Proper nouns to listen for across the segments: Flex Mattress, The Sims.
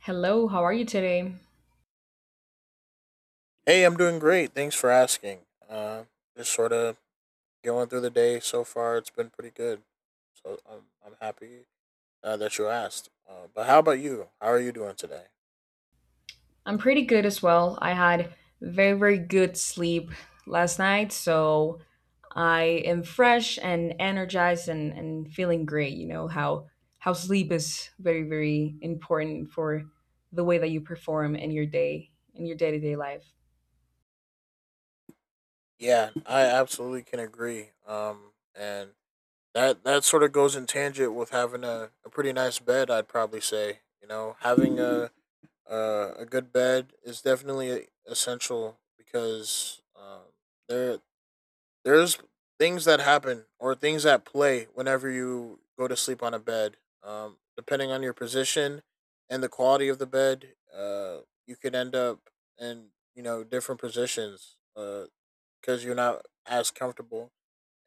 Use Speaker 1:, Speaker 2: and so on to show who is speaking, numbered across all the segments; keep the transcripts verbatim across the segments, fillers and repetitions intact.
Speaker 1: Hello, how are you today?
Speaker 2: Hey, I'm doing great. Thanks for asking. Uh, just sort of going through the day so far. It's been pretty good. So I'm, I'm happy uh, that you asked. Uh, but how about you? How are you doing today?
Speaker 1: I'm pretty good as well. I had very, very good sleep last night, so I am fresh and energized and, and feeling great. You know how how sleep is very, very important for the way that you perform in your day, in your day-to-day life.
Speaker 2: Yeah, I absolutely can agree. Um, and that that sort of goes in tangent with having a, a pretty nice bed. I'd probably say, you know, having a a, a good bed is definitely essential because um, there there's things that happen or things that play whenever you go to sleep on a bed. Um, depending on your position and the quality of the bed, uh, you could end up in, you know, different positions, uh, because you're not as comfortable.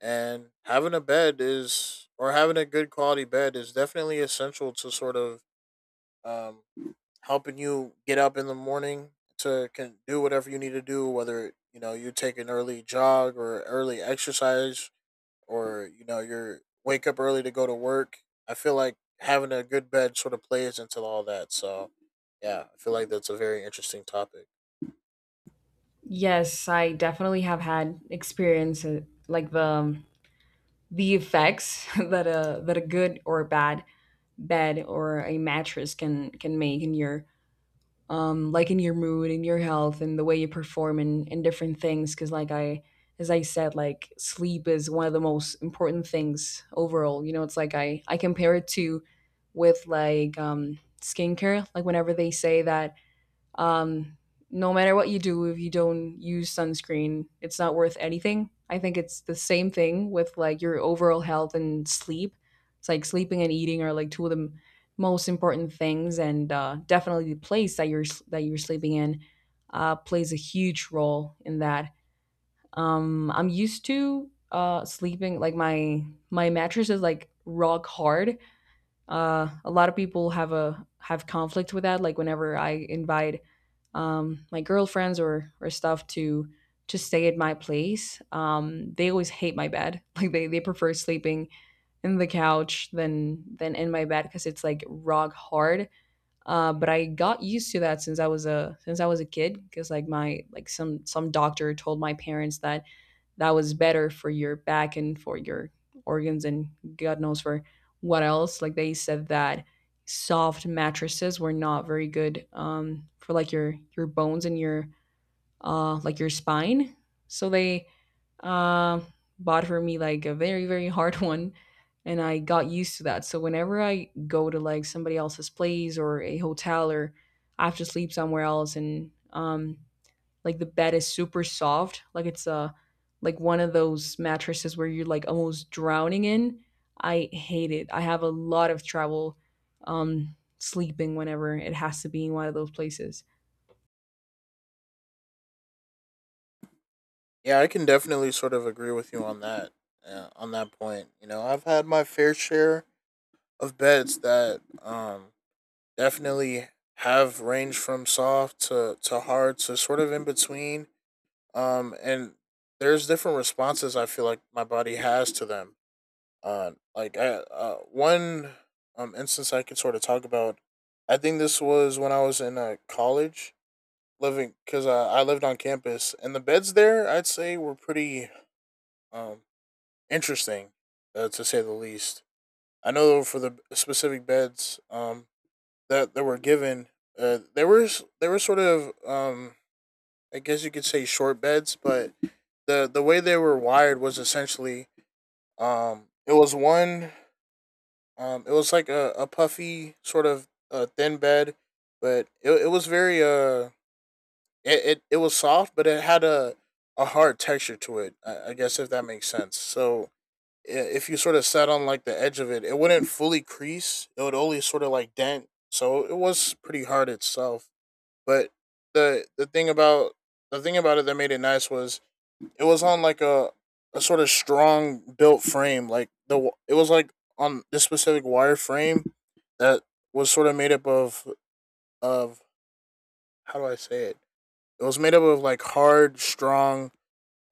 Speaker 2: And having a bed is, or having a good quality bed is definitely essential to sort of, um, helping you get up in the morning to can do whatever you need to do, whether you know you take an early jog or early exercise, or you know you're wake up early to go to work. I feel like having a good bed sort of plays into all that. So yeah, I feel like that's a very interesting topic.
Speaker 1: Yes, I definitely have had experience, uh, like the um, the effects that a that a good or bad bed or a mattress can can make in your, um, like in your mood and your health and the way you perform and, and different things. Because, like I, as I said, like sleep is one of the most important things overall. You know, it's like I I compare it to with like, um, skincare. Like whenever they say that, um, no matter what you do, if you don't use sunscreen, it's not worth anything. I think it's the same thing with like your overall health and sleep. It's like sleeping and eating are like two of the m- most important things, and, uh, definitely the place that you're s- that you're sleeping in, uh, plays a huge role in that. Um, I'm used to, uh, sleeping like my my mattress is like rock hard. Uh, a lot of people have a have conflict with that, like whenever I invite, um, my girlfriends or or stuff to to stay at my place, um, they always hate my bed like they, they prefer sleeping in the couch than than in my bed because it's like rock hard. Uh, but i got used to that since i was a since i was a kid because like my like some some doctor told my parents that that was better for your back and for your organs and God knows for what else. Like they said that soft mattresses were not very good, um, for like your your bones and your, uh, like your spine. So they, uh, bought for me like a very, very hard one, and I got used to that. So whenever I go to like somebody else's place or a hotel or I have to sleep somewhere else and, um, like the bed is super soft, like it's a, uh like one of those mattresses where you're like almost drowning in. I hate it. I have a lot of trouble, um sleeping whenever it has to be in one of those places.
Speaker 2: Yeah, I can definitely sort of agree with you on that. Yeah, on that point, you know, I've had my fair share of beds that um definitely have ranged from soft to to hard to sort of in between. Um, and there's different responses I feel like my body has to them. Uh, like I, uh, one um instance I could sort of talk about. I think this was when I was in uh, college, living, because uh, I lived on campus, and the beds there, I'd say, were pretty um interesting, uh, to say the least. I know for the specific beds um that that were given, uh, they were s- they were sort of, um I guess you could say, short beds, but the the way they were wired was essentially um it was one Um, it was like a, a puffy sort of a thin bed, but it, it was very uh it, it, it was soft, but it had a a hard texture to it. I, I guess, if that makes sense. So i- if you sort of sat on like the edge of it, it wouldn't fully crease. It would only sort of like dent. So it was pretty hard itself. But the the thing about the thing about it that made it nice was it was on like a a sort of strong built frame. Like the it was like on this specific wire frame that was sort of made up of of how do I say it? It was made up of like hard, strong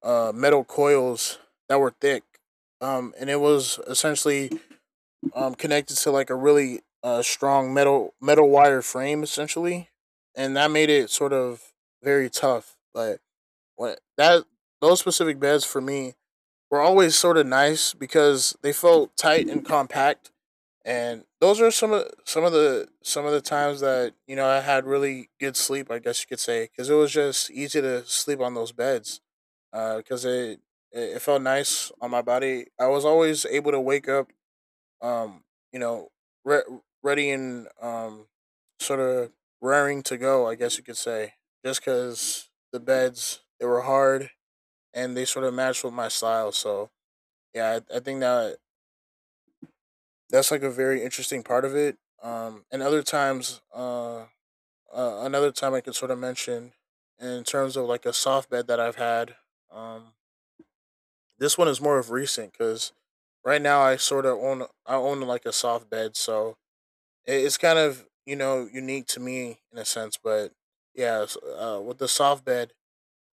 Speaker 2: uh, metal coils that were thick, um, and it was essentially um, connected to like a really uh, strong metal metal wire frame, essentially, and that made it sort of very tough. But what that Those specific beds for me were always sort of nice because they felt tight and compact. And those are some of some of the some of the times that, you know, I had really good sleep, I guess you could say, because it was just easy to sleep on those beds. Because it, it it felt nice on my body. I was always able to wake up. Um, you know, re- ready and, um, sort of raring to go, I guess you could say, just because the beds, they were hard and they sort of matched with my style. So yeah, I, I think that that's like a very interesting part of it. Um, and other times, uh, uh, another time I could sort of mention in terms of like a soft bed that I've had. Um, this one is more of recent because right now I sort of own I own like a soft bed, so it, it's kind of, you know, unique to me in a sense. But yeah, uh, with the soft bed,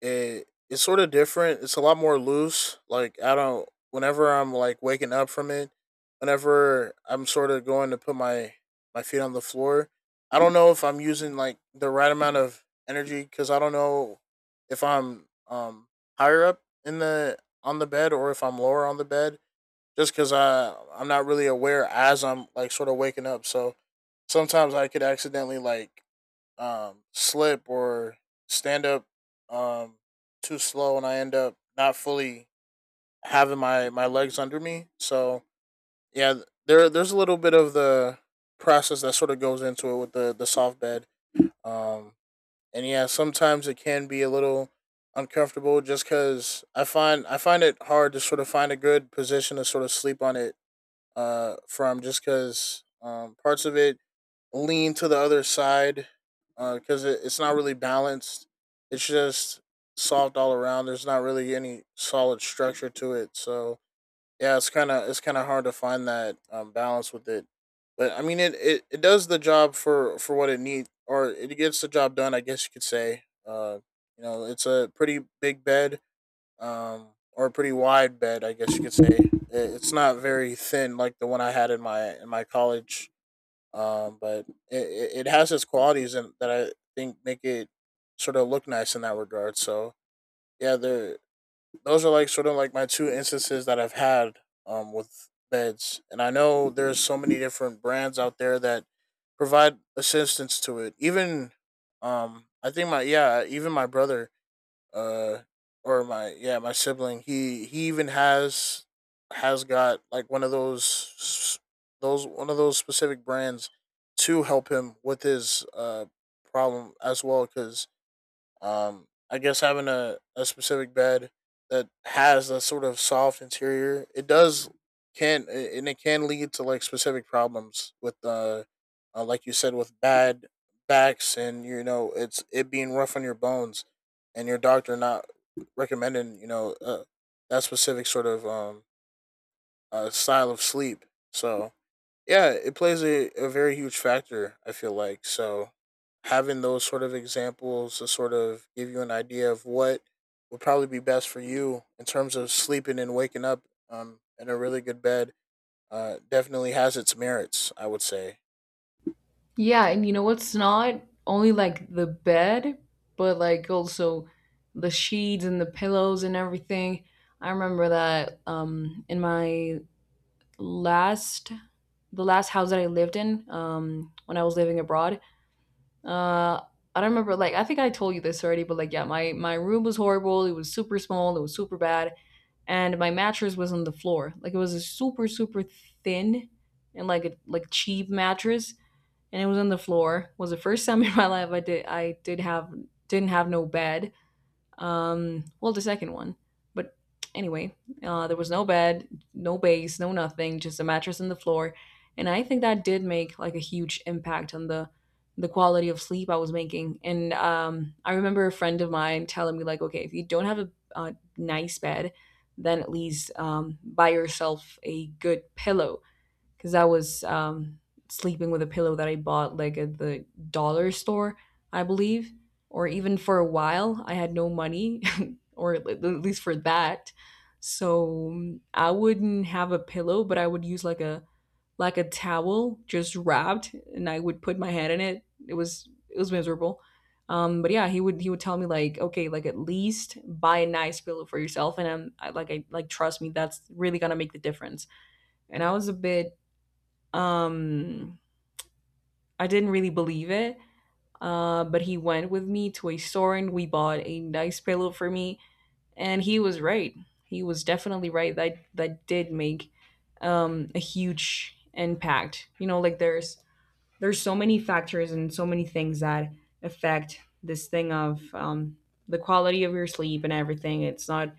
Speaker 2: it it's sort of different. It's a lot more loose. Like I don't. Whenever I'm like waking up from it, whenever I'm sort of going to put my my feet on the floor, I don't know if I'm using like the right amount of energy, because I don't know if I'm um higher up in the on the bed, or if I'm lower on the bed. Just because I I'm not really aware as I'm like sort of waking up, so sometimes I could accidentally like, um, slip or stand up, um, too slow, and I end up not fully having my, my legs under me. So yeah, there there's a little bit of the process that sort of goes into it with the the soft bed. Um, and yeah, sometimes it can be a little uncomfortable, just because I find I find it hard to sort of find a good position to sort of sleep on it, uh, from just because, um, parts of it lean to the other side, because uh, it, it's not really balanced. It's just soft all around. There's not really any solid structure to it. So yeah, it's kind of it's kind of hard to find that, um, balance with it. But I mean, it, it, it does the job for for what it needs, or it gets the job done, I guess you could say. Uh, you know, it's a pretty big bed, um, or a pretty wide bed, I guess you could say. It, it's not very thin like the one I had in my in my college, um, but it, it has its qualities, and that I think make it sort of look nice in that regard. So yeah, there those are like sort of like my two instances that I've had um with beds, and I know there's so many different brands out there that provide assistance to it. Even, um, I think my yeah, even my brother, uh or my yeah my sibling, he he even has has got like one of those s- those one of those specific brands to help him with his uh problem as well, because um, I guess having a, a specific bed that has a sort of soft interior, it does can and it can lead to like specific problems with, uh, uh like you said, with bad backs, and you know it's it being rough on your bones, and your doctor not recommending, you know, uh, that specific sort of, um uh, style of sleep. So yeah, it plays a, a very huge factor, I feel like. So having those sort of examples to sort of give you an idea of what would probably be best for you in terms of sleeping and waking up, um, in a really good bed, uh, definitely has its merits, I would say.
Speaker 1: Yeah, and you know what's not only like the bed, but like also the sheets and the pillows and everything. I remember that, um in my last the last house that I lived in, um when I was living abroad. Uh, I don't remember. Like, I think I told you this already, but, like, yeah, my my room was horrible. It was super small. It was super bad, and my mattress was on the floor. Like, it was a super, super thin and like a, like cheap mattress, and it was on the floor. It was the first time in my life I did I did have didn't have no bed, um, well, the second one. But anyway, uh, there was no bed, no base, no nothing, just a mattress and the floor. And I think that did make like a huge impact on the the quality of sleep I was making. And um, I remember a friend of mine telling me like, okay, if you don't have a, a nice bed, then at least, um, buy yourself a good pillow, because I was, um, sleeping with a pillow that I bought like at the dollar store, I believe, or even for a while. I had no money, or at at least for that. So um, I wouldn't have a pillow, but I would use like a, like a towel just wrapped, and I would put my head in it. It was it was miserable. Um, but yeah, he would he would tell me like, okay, like at least buy a nice pillow for yourself, and I'm I, like I, like, trust me, that's really gonna make the difference. And I was a bit, um, I didn't really believe it, uh, but he went with me to a store and we bought a nice pillow for me, and he was right. He was definitely right. That that did make, um, a huge impact. You know, like there's there's so many factors and so many things that affect this thing of, um, the quality of your sleep and everything. It's not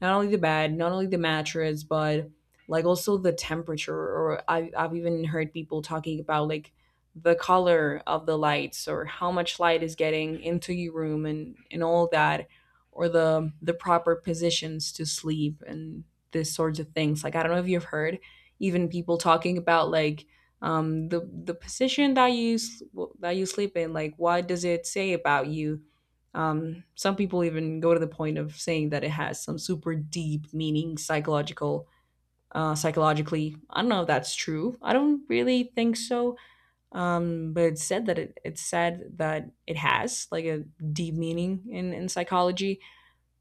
Speaker 1: not only the bed, not only the mattress, but like also the temperature. Or I, I've even heard people talking about like the color of the lights or how much light is getting into your room and and all that, or the the proper positions to sleep and this sorts of things. Like I don't know if you've heard even people talking about, like um the the position that you s- that you sleep in, like what does it say about you, um, some people even go to the point of saying that it has some super deep meaning, psychological, uh, psychologically. I don't know if that's true. I don't really think so. Um, but it's said that it, it's said that it has like a deep meaning in in psychology,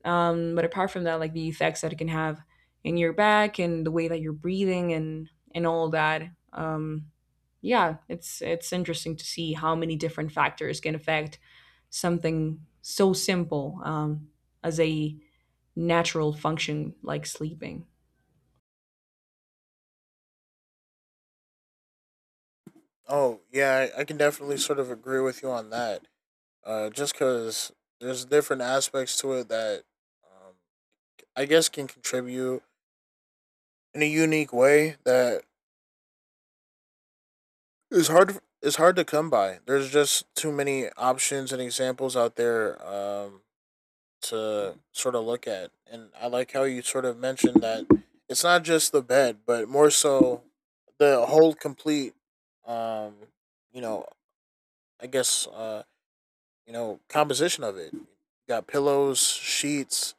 Speaker 1: um, but apart from that, like the effects that it can have in your back and the way that you're breathing and and all that. Um, yeah, it's it's interesting to see how many different factors can affect something so simple, um, as a natural function like sleeping.
Speaker 2: Oh, yeah, I, I can definitely sort of agree with you on that. Uh, just because there's different aspects to it that, um, I guess, can contribute in a unique way that— it's hard. It's hard to come by. There's just too many options and examples out there, um, to sort of look at. And I like how you sort of mentioned that it's not just the bed, but more so the whole complete, um, you know, I guess, uh, you know, composition of it. You got pillows, sheets,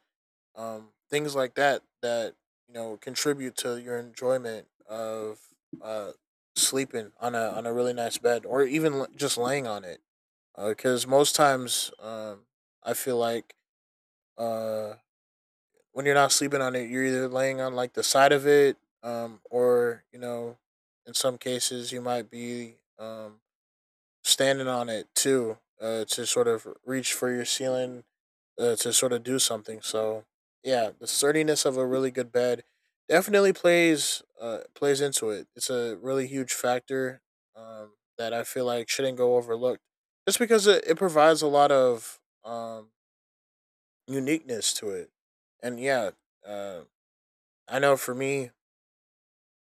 Speaker 2: um, things like that that you know contribute to your enjoyment of, uh, sleeping on a on a really nice bed, or even l- just laying on it, because most times, um, I feel like, uh, when you're not sleeping on it, you're either laying on like the side of it, um, or you know, in some cases you might be, um, standing on it too, uh, to sort of reach for your ceiling, uh, to sort of do something. So yeah, the sturdiness of a really good bed definitely plays uh, plays into it. It's a really huge factor, um, that I feel like shouldn't go overlooked, just because it, it provides a lot of, um, uniqueness to it. And yeah, uh, I know for me,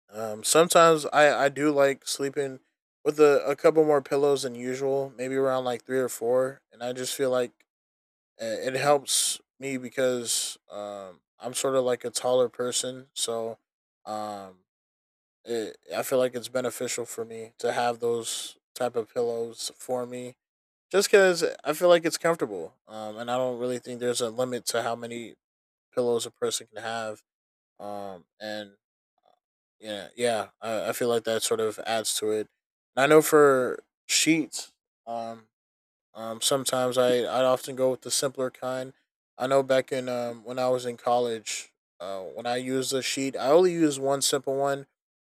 Speaker 2: um, sometimes I I do like sleeping with a, a couple more pillows than usual, maybe around like three or four, and I just feel like, uh, it helps me because um I'm sort of like a taller person, so um it, I feel like it's beneficial for me to have those type of pillows for me, just because I feel like it's comfortable. Um, and I don't really think there's a limit to how many pillows a person can have. Um, and yeah, yeah. I, I feel like that sort of adds to it. And I know for sheets, um, um, sometimes I I often go with the simpler kind. I know back in um when I was in college, uh, when I used a sheet, I only used one simple one.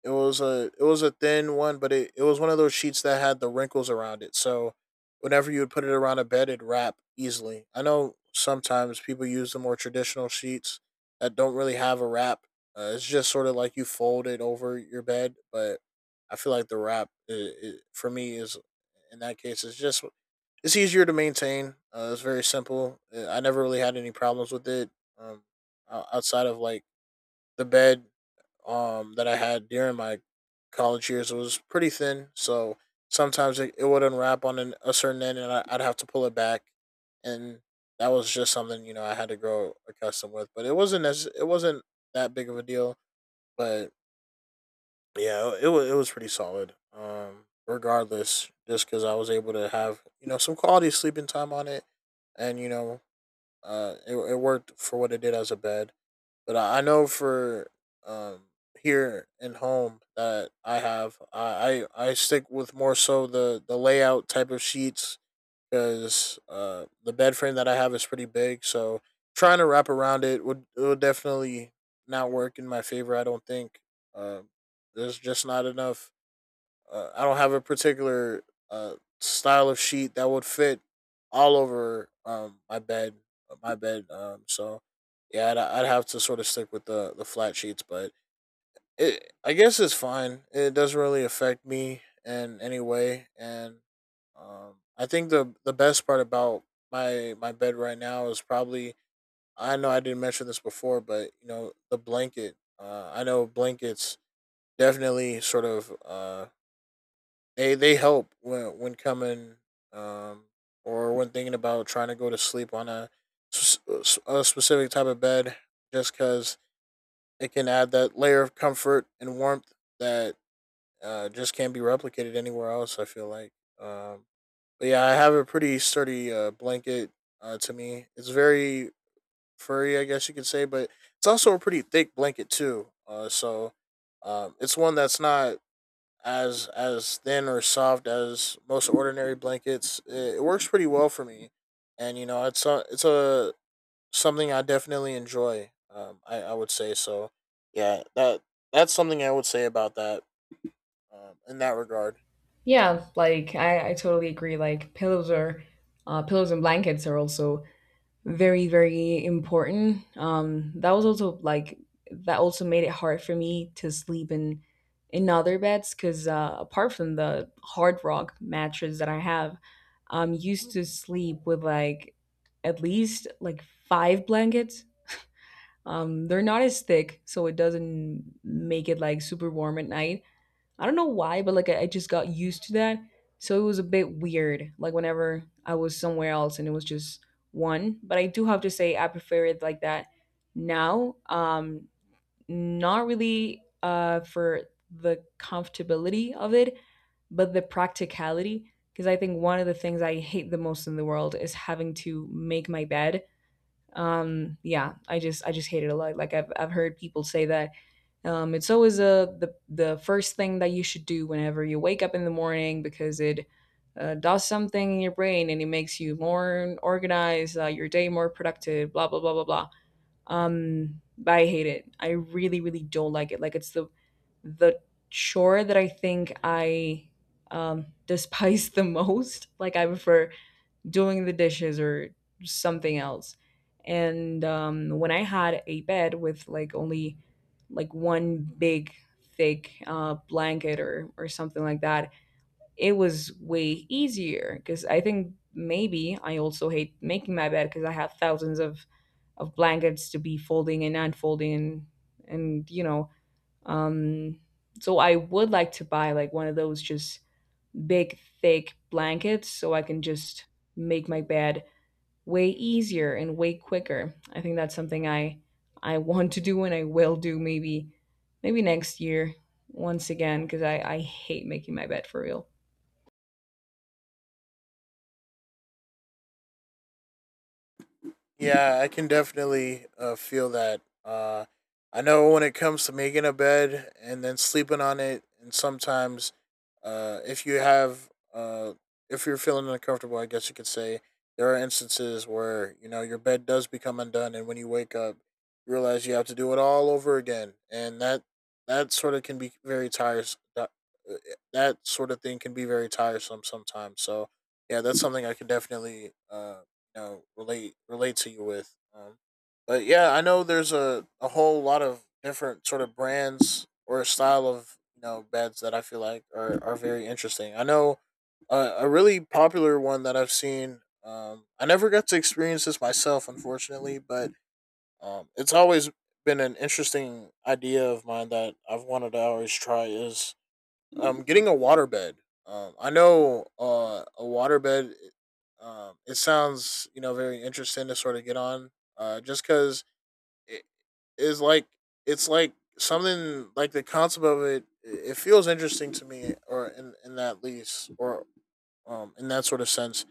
Speaker 2: It was a it was a thin one, but it, it was one of those sheets that had the wrinkles around it. So whenever you would put it around a bed, it'd wrap easily. I know sometimes people use the more traditional sheets that don't really have a wrap. Uh, it's just sort of like you fold it over your bed, but I feel like the wrap I I for me is, in that case, it's just it's easier to maintain. Uh, it's very simple. Uh, I never really had any problems with it. Um, o- Outside of like the bed um that I had during my college years was pretty thin. So sometimes it, it would unwrap on an, a certain end, and I, I'd have to pull it back, and that was just something you know I had to grow accustomed with. But it wasn't, as it wasn't that big of a deal. But yeah, it was it was pretty solid. Um, regardless, just because I was able to have you know some quality sleeping time on it, and you know, uh, it it worked for what it did as a bed. But I I know for um here and home that I have, I I, I stick with more so the the layout type of sheets because uh the bed frame that I have is pretty big, so trying to wrap around it would it would definitely not work in my favor, I don't think. Uh, there's just not enough uh, I don't have a particular uh, style of sheet that would fit all over um, my bed. uh, My bed. Um, so yeah, I'd, I'd have to sort of stick with the the flat sheets, but it, I guess it's fine. It doesn't really affect me in any way, and um, I think the the best part about my my bed right now is probably, I know I didn't mention this before, but you know, the blanket. Uh, I know blankets definitely sort of uh, they they help when when coming um or when thinking about trying to go to sleep on a s- s- uh, a specific type of bed, just cuz it can add that layer of comfort and warmth that uh just can't be replicated anywhere else, I feel like. Um but yeah, I have a pretty sturdy uh blanket. Uh to me, it's very furry, I guess you could say, but it's also a pretty thick blanket too. Uh so um, it's one that's not as as thin or soft as most ordinary blankets. It, it works pretty well for me, and you know it's a it's a something I definitely enjoy. Um, I I would say so. Yeah, that that's something I would say about that, Um, in that regard.
Speaker 1: Yeah, like I, I totally agree. Like pillows are uh, pillows and blankets are also very, very important, um that was also like that also made it hard for me to sleep in in other beds, because, uh, apart from the hard rock mattress that I have, I'm used to sleep with like at least like five blankets. Um they're not as thick, so it doesn't make it like super warm at night. I don't know why, but like I, I just got used to that. So it was a bit weird, like whenever I was somewhere else and it was just one. But I do have to say I prefer it like that now. Um, not really, uh, for the comfortability of it, but the practicality. Because I think one of the things I hate the most in the world is having to make my bed. Um, yeah, I just I just hate it a lot. Like I've I've heard people say that, um, it's always a the the first thing that you should do whenever you wake up in the morning because it, uh, does something in your brain and it makes you more organized, uh, your day more productive, blah blah blah blah blah. Um, but I hate it. I really, really don't like it. Like it's the the chore that I think I, um, despise the most. Like I prefer doing the dishes or something else. And um, when I had a bed with like only like one big thick, uh, blanket or or something like that, it was way easier because I think maybe I also hate making my bed because I have thousands of of blankets to be folding and unfolding and and you know um so I would like to buy like one of those just big thick blankets so I can just make my bed way easier and way quicker. I think that's something I I want to do and I will do maybe maybe next year once again because I I hate making my bed for real.
Speaker 2: Yeah, I can definitely uh, feel that. Uh, I know when it comes to making a bed and then sleeping on it, and sometimes, uh, if you have, uh, if you're feeling uncomfortable, I guess you could say there are instances where you know your bed does become undone, and when you wake up, you realize you have to do it all over again, and that that sort of can be very tiresome. That, uh, that sort of thing can be very tiresome sometimes. So, yeah, that's something I can definitely uh, you know, relate relate to you with. Um, but yeah, I know there's a, a whole lot of different sort of brands or style of you know beds that I feel like are, are very interesting. I know uh, a really popular one that I've seen. Um, I never got to experience this myself, unfortunately, but um, it's always been an interesting idea of mine that I've wanted to always try is um, getting a waterbed. Um, I know uh, a waterbed. Um, it sounds you know very interesting to sort of get on. Uh, just because it is like it's like something, like the concept of it. It feels interesting to me, or in in that lease, or um, in that sort of sense.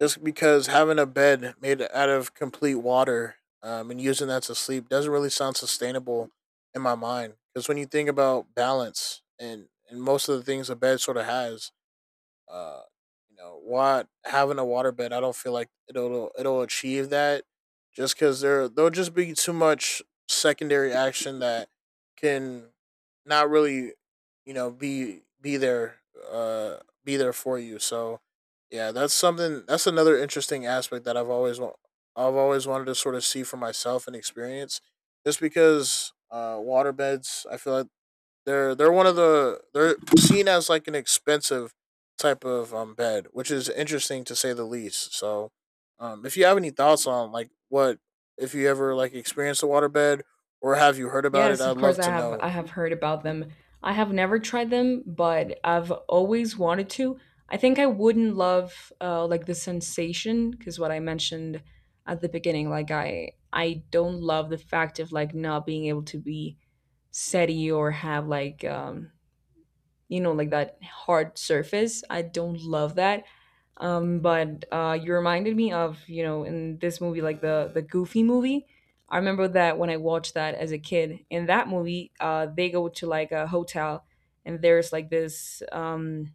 Speaker 2: Just because having a bed made out of complete water, um, and using that to sleep doesn't really sound sustainable in my mind. Because when you think about balance and, and most of the things a bed sort of has, uh you know, want, having a waterbed, I don't feel like it'll it'll achieve that, just because there there'll just be too much secondary action that can not really you know be be there, uh be there for you. So yeah, that's something, that's another interesting aspect that i've always wa- I've always wanted to sort of see for myself and experience, just because uh waterbeds, I feel like they're they're one of the they're seen as like an expensive type of um bed, which is interesting to say the least. So, um, if you have any thoughts on like what, if you ever like experienced a waterbed or have you heard about it,
Speaker 1: Yes, of
Speaker 2: I'd
Speaker 1: course
Speaker 2: love
Speaker 1: I
Speaker 2: to
Speaker 1: have I
Speaker 2: know.
Speaker 1: have heard about them. I have never tried them, but I've always wanted to. I think I wouldn't love, uh, like the sensation, because what I mentioned at the beginning, like I I don't love the fact of like not being able to be steady or have like, um, you know, like that hard surface. I don't love that. Um, but uh, you reminded me of, you know, in this movie, like the the Goofy movie. I remember that when I watched that as a kid. In that movie, uh, they go to like a hotel, and there's like this um,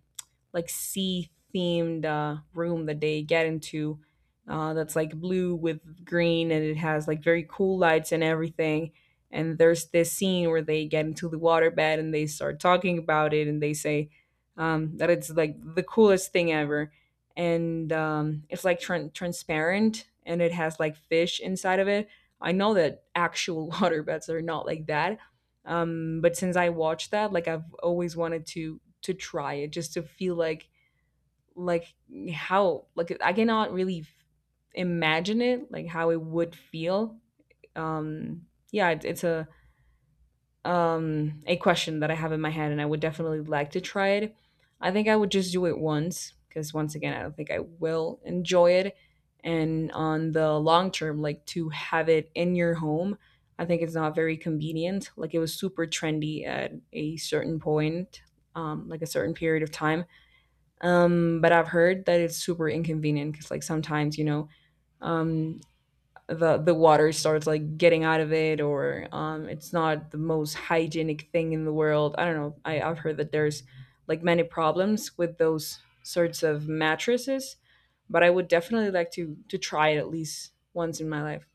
Speaker 1: like sea themed uh, room that they get into uh, that's like blue with green, and it has like very cool lights and everything. And there's this scene where they get into the water bed and they start talking about it, and they say um, that it's like the coolest thing ever. And um, it's like tran transparent, and it has like fish inside of it. I know that actual water beds are not like that. um but since I watched that, like I've always wanted to to try it, just to feel like like how, like I cannot really f- imagine it, like how it would feel. um yeah, it, it's a um, a question that I have in my head, and I would definitely like to try it. I think I would just do it once because, once again, I don't think I will enjoy it. And on the long term, like to have it in your home, I think it's not very convenient. Like it was super trendy at a certain point, um, like a certain period of time. Um, but I've heard that it's super inconvenient because, like, sometimes, you know, um, the the water starts like getting out of it, or um it's not the most hygienic thing in the world. I don't know, I, I've heard that there's like many problems with those sorts of mattresses, but I would definitely like to to try it at least once in my life.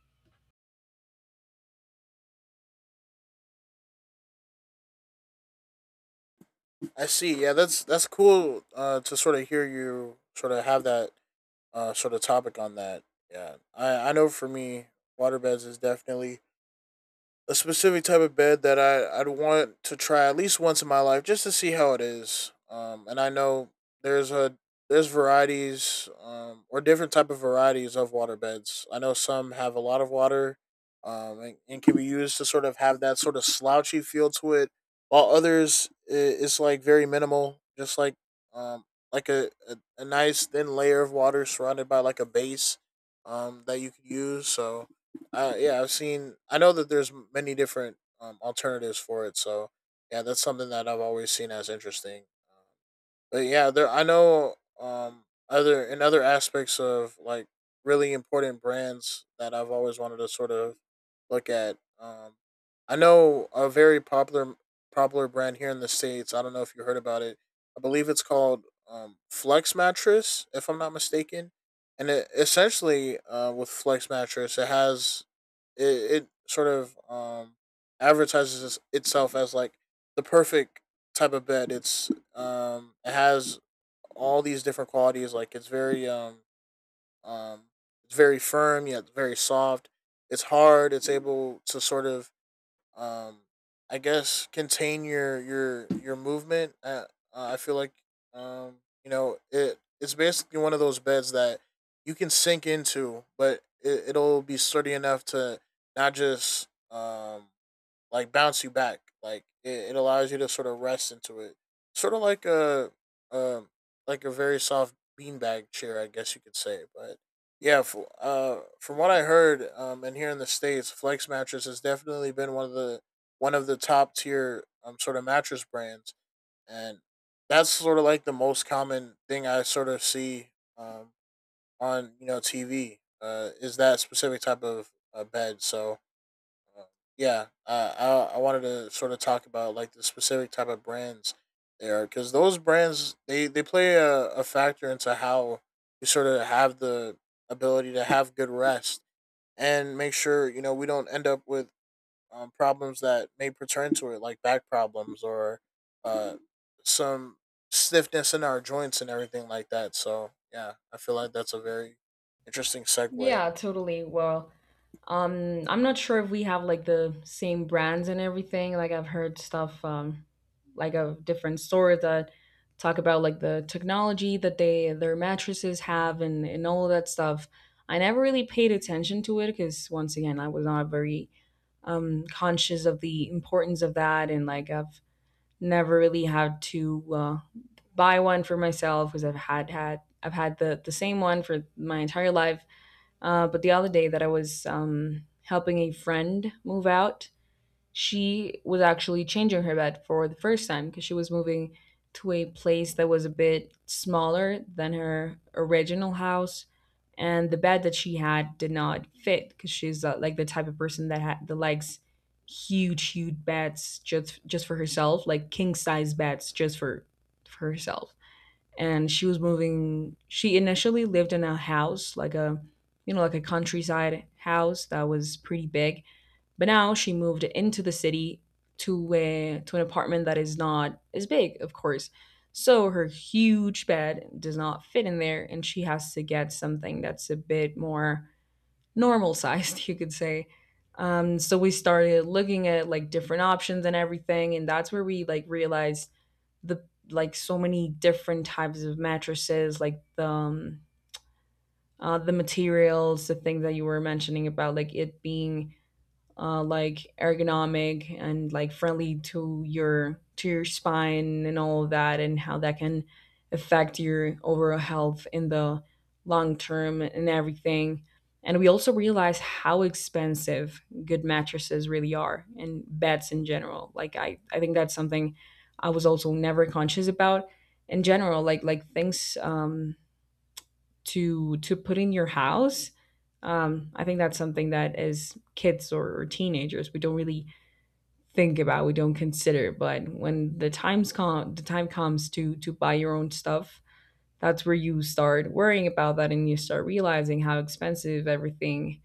Speaker 2: I see. Yeah, that's that's cool. Uh, to sort of hear you sort of have that uh sort of topic on that. Yeah, I I know for me, waterbeds is definitely a specific type of bed that I I'd want to try at least once in my life, just to see how it is. Um, and I know there's a there's varieties, um, or different type of varieties of water beds. I know some have a lot of water, um, and, and can be used to sort of have that sort of slouchy feel to it, while others it's like very minimal, just like um like a, a, a nice thin layer of water surrounded by like a base um that you could use. So uh, yeah, I've seen. I know that there's many different um, alternatives for it. So yeah, that's something that I've always seen as interesting. um, but yeah, there I know um other in other aspects of like really important brands that I've always wanted to sort of look at. Um I know a very popular popular brand here in the States. I don't know if you heard about it. I believe it's called um Flex Mattress, if I'm not mistaken. And it essentially uh with Flex Mattress it has it, it sort of um advertises itself as like the perfect type of bed. It's um, it has all these different qualities. Like it's very um um it's very firm yet very soft. It's hard. It's able to sort of um I guess contain your your your movement. Uh, uh, I feel like um you know it it's basically one of those beds that you can sink into, but it, it'll be sturdy enough to not just um like bounce you back. Like it, it allows you to sort of rest into it, sort of like a um like a very soft beanbag chair, I guess you could say. But yeah, for, uh, from what I heard, um, and here in the states, Flex Mattress has definitely been one of the one of the top tier um sort of mattress brands, and that's sort of like the most common thing I sort of see um on you know T V uh is that specific type of uh, bed. So uh, yeah, uh, I I wanted to sort of talk about like the specific type of brands there, because those brands they they play a, a factor into how we sort of have the ability to have good rest and make sure you know we don't end up with um, problems that may pertain to it, like back problems or uh, some stiffness in our joints and everything like that. So yeah, I feel like that's a very interesting segue.
Speaker 1: Yeah, totally. Well, Um, I'm not sure if we have like the same brands and everything. Like I've heard stuff um like of different stores that talk about like the technology that they their mattresses have, and and all that stuff. I never really paid attention to it because, once again, I was not very um conscious of the importance of that, and like I've never really had to uh buy one for myself because I've had had I've had the the same one for my entire life. uh, but the other day that I was um, helping a friend move out, she was actually changing her bed for the first time because she was moving to a place that was a bit smaller than her original house. And the bed that she had did not fit because she's uh, like the type of person that, ha- that likes huge, huge beds, just just for herself, like king size beds just for for herself. And she was moving. She initially lived in a house, like a you know like a countryside house that was pretty big, but now she moved into the city, to a to an apartment that is not as big, of course. So her huge bed does not fit in there, and she has to get something that's a bit more normal sized, you could say. um so we started looking at like different options and everything, and that's where we like realized the like so many different types of mattresses, like the um, uh, the materials, the things that you were mentioning about, like it being uh, like ergonomic and like friendly to your to your spine and all of that, and how that can affect your overall health in the long term and everything. And we also realize how expensive good mattresses really are, and beds in general. Like i i think that's something I was also never conscious about in general, like like things um to to put in your house. um, I think that's something that, as kids or, or teenagers, we don't really think about. We don't consider. But when the times come the time comes to to buy your own stuff, that's where you start worrying about that, and you start realizing how expensive everything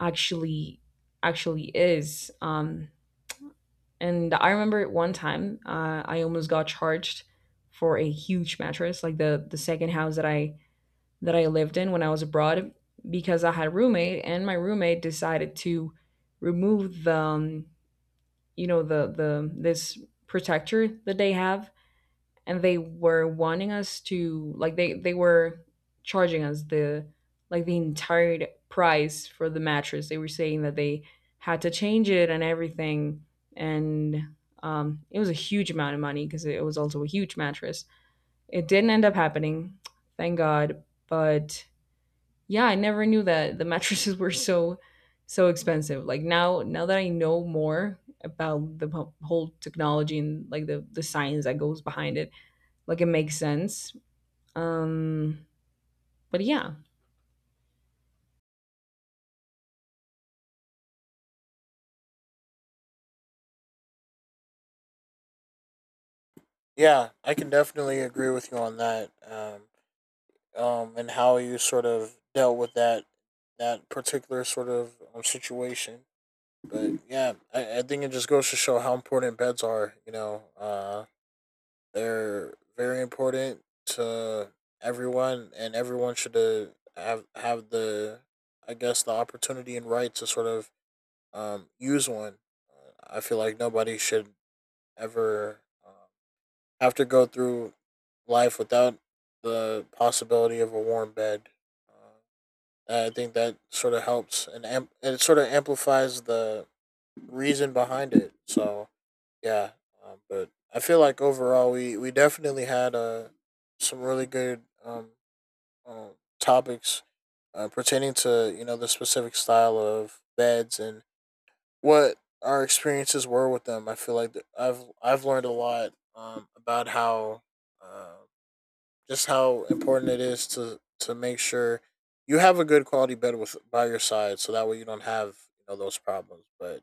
Speaker 1: actually actually is. um, and I remember at one time, uh, I almost got charged for a huge mattress, like the the second house that i that I lived in when I was abroad, because I had a roommate, and my roommate decided to remove the um, you know the the this protector that they have. And they were wanting us to like they they were charging us the like the entire price for the mattress. They were saying that they had to change it and everything. And um, it was a huge amount of money because it was also a huge mattress. It didn't end up happening, thank God. But yeah, I never knew that the mattresses were so so expensive. Like now, now that I know more about the wh- whole technology and like the the science that goes behind it, like it makes sense. um but yeah.
Speaker 2: Yeah, I can definitely agree with you on that. Um, um, and how you sort of dealt with that that particular sort of um, situation. But yeah, I, I think it just goes to show how important beds are. You know, uh, they're very important to everyone, and everyone should uh, have have the, I guess, the opportunity and right to sort of um, use one. Uh, I feel like nobody should ever um have to go through life without the possibility of a warm bed. Uh, uh, I think that sort of helps and amp- it sort of amplifies the reason behind it. So yeah, um, but I feel like overall we we definitely had uh, some really good um, uh, topics uh, pertaining to you know the specific style of beds and what our experiences were with them. I feel like th- I've I've learned a lot um, about how uh, just how important it is to to make sure you have a good quality bed with by your side, so that way you don't have you know those problems. But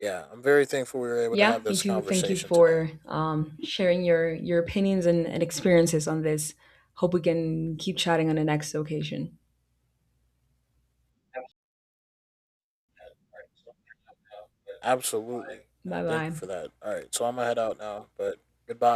Speaker 2: yeah, I'm very thankful we were able to
Speaker 1: Yeah,
Speaker 2: have
Speaker 1: me
Speaker 2: this
Speaker 1: too. Thank you
Speaker 2: conversation today.
Speaker 1: for um sharing your your opinions and, and experiences on this. Hope we can keep chatting on the next occasion.
Speaker 2: Absolutely, yeah,
Speaker 1: Bye
Speaker 2: thank
Speaker 1: bye.
Speaker 2: you for that. All right, so I'm gonna head out now, but goodbye.